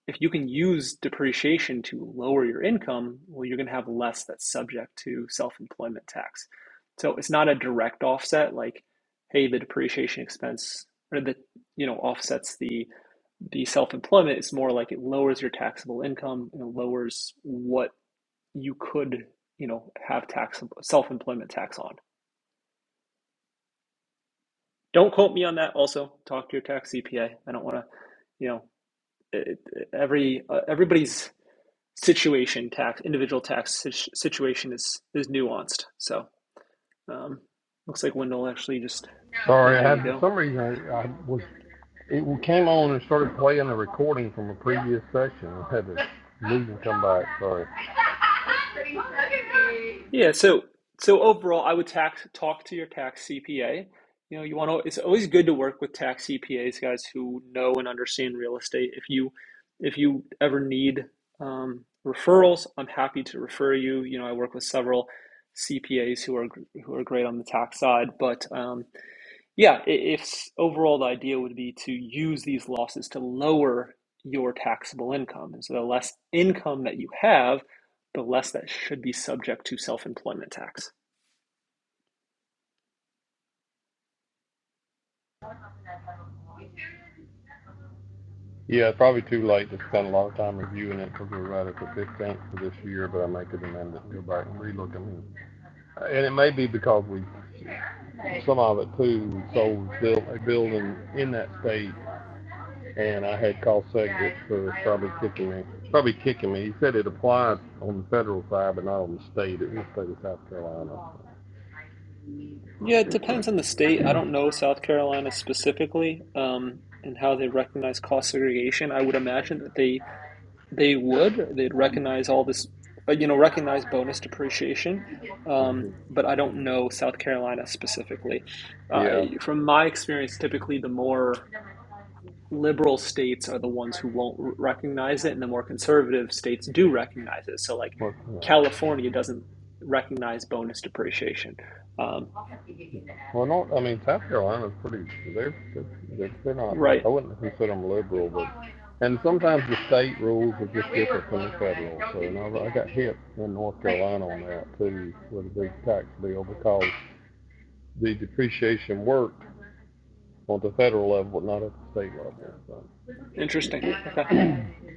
if you can use depreciation to lower your income, well, you're going to have less that's subject to self employment tax. So it's not a direct offset like, hey, the depreciation expense or the you know offsets the the self employment. It's more like it lowers your taxable income and it lowers what you could you know have tax self employment tax on. Don't quote me on that. Also, talk to your tax CPA. I don't want to you know it, it- every uh, everybody's situation tax, individual tax situation is is nuanced. So um, looks like Wendell actually just. Oh, Sorry, I there had, you for go. some reason, I, I was, it came on and started playing a recording from a previous session. I had to leave and come back, sorry. Yeah. So so overall, I would tax talk to your tax CPA. You know, you want to. It's always good to work with tax CPAs, guys who know and understand real estate. If you if you ever need um, referrals, I'm happy to refer you. You know, I work with several CPAs who are who are great on the tax side, but um, Yeah, if overall the idea would be to use these losses to lower your taxable income. And so the less income that you have, the less that should be subject to self-employment tax. Yeah, it's probably too late to spend a lot of time reviewing it because we're right at the fifteenth for this year, but I make an amendment, and go back and relook. at mean, And it may be because we, some of it too, we sold built a building in that state, and I had called Segwick for probably kicking me, probably kicking me. He said it applied on the federal side, but not on the state, it was the state of South Carolina. Yeah, it depends on the state. I don't know South Carolina specifically, um, and how they recognize cost segregation. I would imagine that they they would. They'd recognize all this, uh, you know, recognize bonus depreciation. Mhm. Um, but I don't know South Carolina specifically uh, Yeah, from my experience, typically the more liberal states are the ones who won't recognize it, and the more conservative states do recognize it. So, like what, yeah. California doesn't recognize bonus depreciation. Um, Well, no, I mean, South Carolina's pretty, they're, they're, they're not, right. I wouldn't consider them liberal, but, and sometimes the state rules are just different from the federal, so, and I, I got hit in North Carolina on that too, with a big tax bill, because the depreciation worked on the federal level, but not at the state level, so. Interesting. Okay.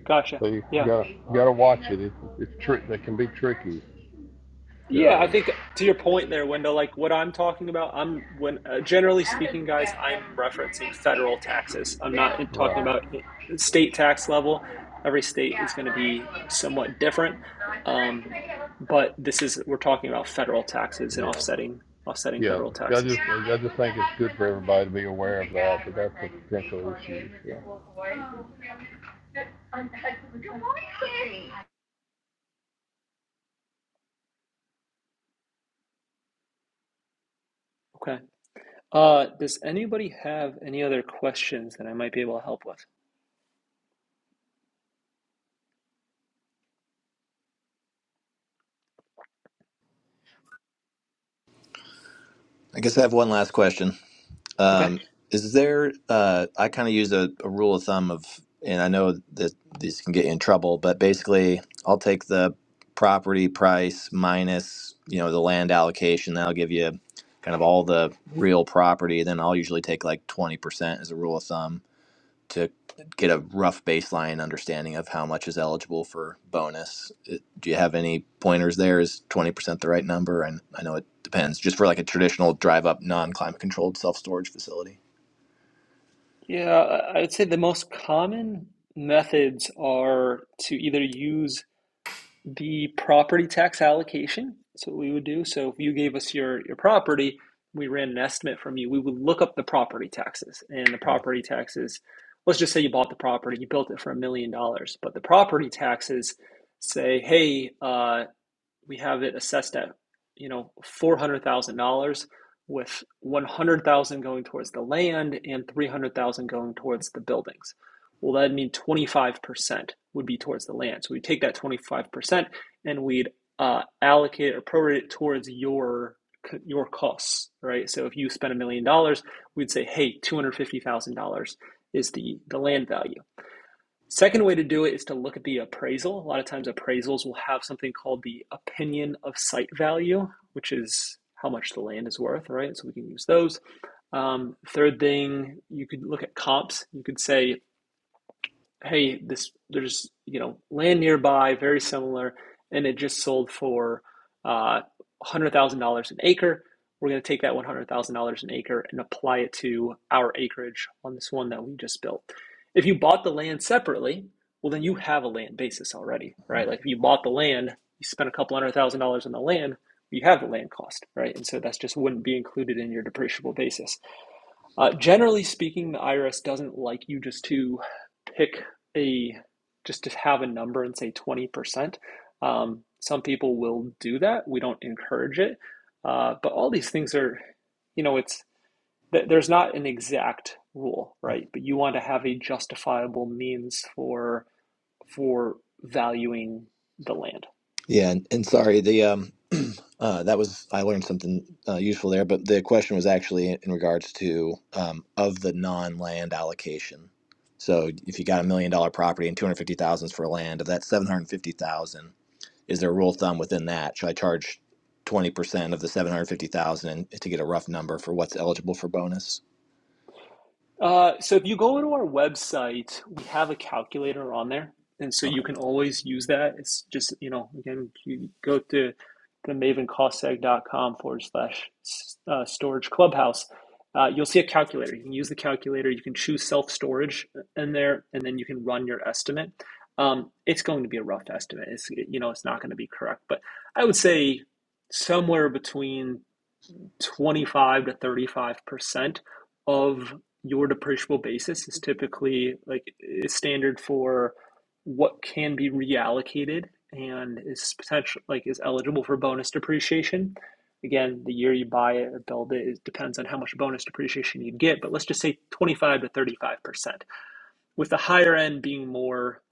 Gotcha. So you Yeah. gotta, you gotta watch it, it's, it's trick, they can be tricky, Yeah, I um, think to your point there, Wendell, like what I'm talking about, I'm when uh, generally speaking, guys, I'm referencing federal taxes. I'm not talking Right. about eh, state tax level. Every state is going to be somewhat different. Um, but this is we're talking about federal taxes and Yeah. offsetting offsetting Yeah. federal I just, taxes. I just think it's good for everybody to be aware of that, that that's a potential issue. Yeah. Okay. Uh, does anybody have any other questions that I might be able to help with? I guess I have one last question. Okay. Um, is there, uh, I kind of use a, a rule of thumb of, and I know that these can get you in trouble, but basically I'll take the property price minus, you know, the land allocation. That'll give you kind of all the real property. Then I'll usually take like 20% as a rule of thumb to get a rough baseline understanding of how much is eligible for bonus. It- Do you have any pointers there? Is 20% the right number? And I know it depends just for like a traditional drive up non climate controlled self storage facility. Yeah, I would say the most common methods are to either use the property tax allocation. That's what we would do. So if you gave us your, your property, we ran an estimate from you, we would look up the property taxes. And the property taxes, let's just say you bought the property, you built it for a million dollars, but the property taxes say, hey, uh, we have it assessed at you know four hundred thousand dollars, with one hundred thousand dollars going towards the land and three hundred thousand dollars going towards the buildings. Well, that'd mean twenty five percent would be towards the land. So we take that twenty five percent and we'd uh, allocate it or prorate it towards your your costs, right? So if you spend a million dollars, we'd say, hey, two hundred fifty thousand dollars is the the land value. Second way to do it is to look at the appraisal. A lot of times, appraisals will have something called the opinion of site value, which is how much the land is worth, right? So we can use those. Um, third thing, you could look at comps. You could say hey, this there's you know land nearby, very similar, and it just sold for uh, one hundred thousand dollars an acre. We're going to take that one hundred thousand dollars an acre and apply it to our acreage on this one that we just built. If you bought the land separately, well, then you have a land basis already, right? Like if you bought the land, you spent a couple hundred thousand dollars on the land, you have the land cost, right? And so that's just wouldn't be included in your depreciable basis. Uh, generally speaking, the IRS doesn't like you just to pick a just to have a number and say 20%. Um, some people will do that. We don't encourage it. Uh, but all these things are, you know, it's there's not an exact rule, right? But you want to have a justifiable means for for valuing the land. Yeah, and, and sorry, the um uh that was I learned something uh, useful there, but the question was actually in, in regards to um of the non-land allocation. So if you got a million dollar property and 250,000 for land, of that 750,000, Is there a rule of thumb within that? Should I charge twenty percent of the seven hundred fifty thousand to get a rough number for what's eligible for bonus? Uh, so if you go to our website, we have a calculator on there, and so you Okay. can always use that. It's just, you know, again, you go to the mavencostseg.com forward slash uh, storage clubhouse. Uh, you'll see a calculator. You can use the calculator. You can choose self storage in there, and then you can run your estimate. Um, it's going to be a rough estimate. It's, you know, it's not going to be correct, but I would say somewhere between 25 to 35% of your depreciable basis is typically like is standard for what can be reallocated and is potential like is eligible for bonus depreciation. Again, the year you buy it or build it, it depends on how much bonus depreciation you get, but let's just say 25 to 35%, with the higher end being more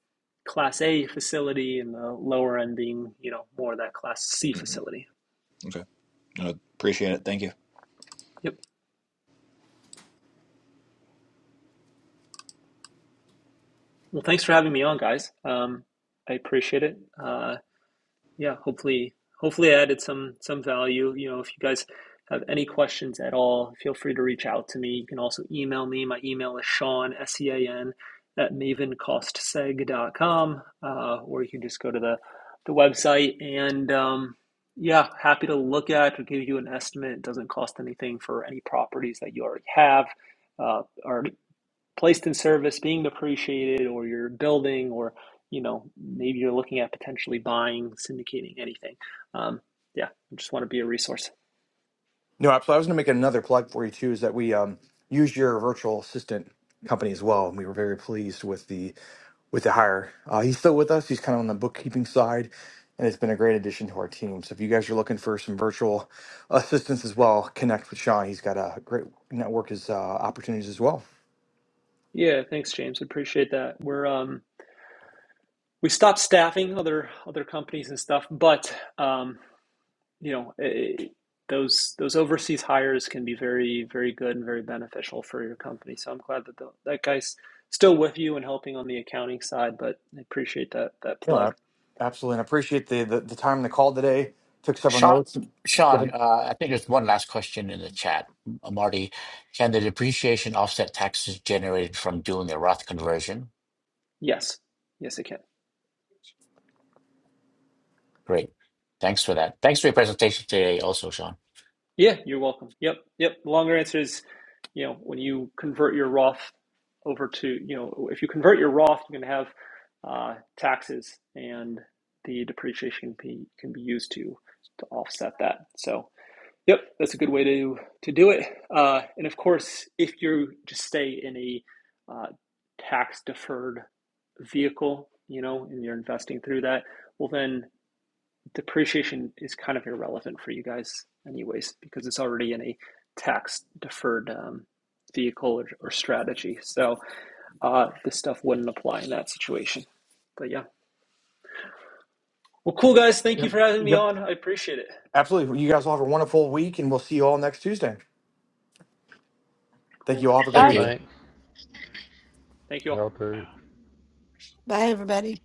class A facility and the lower end being, you know, more of that class C hmm facility. Okay. I appreciate it. Thank you. Yep. Well, thanks for having me on, guys. Um, I appreciate it. Uh, yeah, hopefully, hopefully, I added some some value. You know, if you guys have any questions at all, feel free to reach out to me. You can also email me. My email is Sean S E A N at mavencostseg.com, uh, or you can just go to the the website and um, yeah, happy to look at or give you an estimate. It doesn't cost anything for any properties that you already have uh, or placed in service, being depreciated, or you're building, or you know maybe you're looking at potentially buying, syndicating, anything. Um, yeah, I just want to be a resource. No, absolutely. I was going to make another plug for you too is that we um, used your virtual assistant company as well. And we were very pleased with the with the hire. Uh, he's still with us. He's kind of on the bookkeeping side, and it's been a great addition to our team. So if you guys are looking for some virtual assistance as well, connect with Sean. He's got a great network as uh, opportunities as well. Yeah, thanks, James. Appreciate that. We're um, we stopped staffing other other companies and stuff, but um, you know eh, those those overseas hires can be very very good and very beneficial for your company. So I'm glad that the, that guy's still with you and helping on the accounting side. But I appreciate that that No, I, plug. absolutely. And I appreciate the, the, the time and the call today. Took several Sean, notes. Go Sean, ahead. uh, I think there's one last question in the chat. Uh, Marty, can the depreciation offset taxes generated from doing the Roth conversion? Yes, yes, it can. Great. Thanks for that. Thanks for your presentation today, also, Sean. Yeah, you're welcome. Yep, yep. The longer answer is, you know, when you convert your Roth over to, you know, if you convert your Roth, you can have uh, taxes, and the depreciation can be can be used to to offset that. So, yep, that's a good way to to do it. Uh, and of course, if you just stay in a uh, tax deferred vehicle, you know, and you're investing through that, well, then depreciation is kind of irrelevant for you guys anyways because it's already in a tax deferred um, vehicle or, or strategy so uh, this stuff wouldn't apply in that situation but yeah well cool guys thank you Yep. for having me Yep. on i appreciate it Absolutely. You guys all have a wonderful week, and we'll see you all next Tuesday. Thank you cool all. Have a great Thank Bye. you. week. Thanks. thank you all Y'all too. Bye, everybody.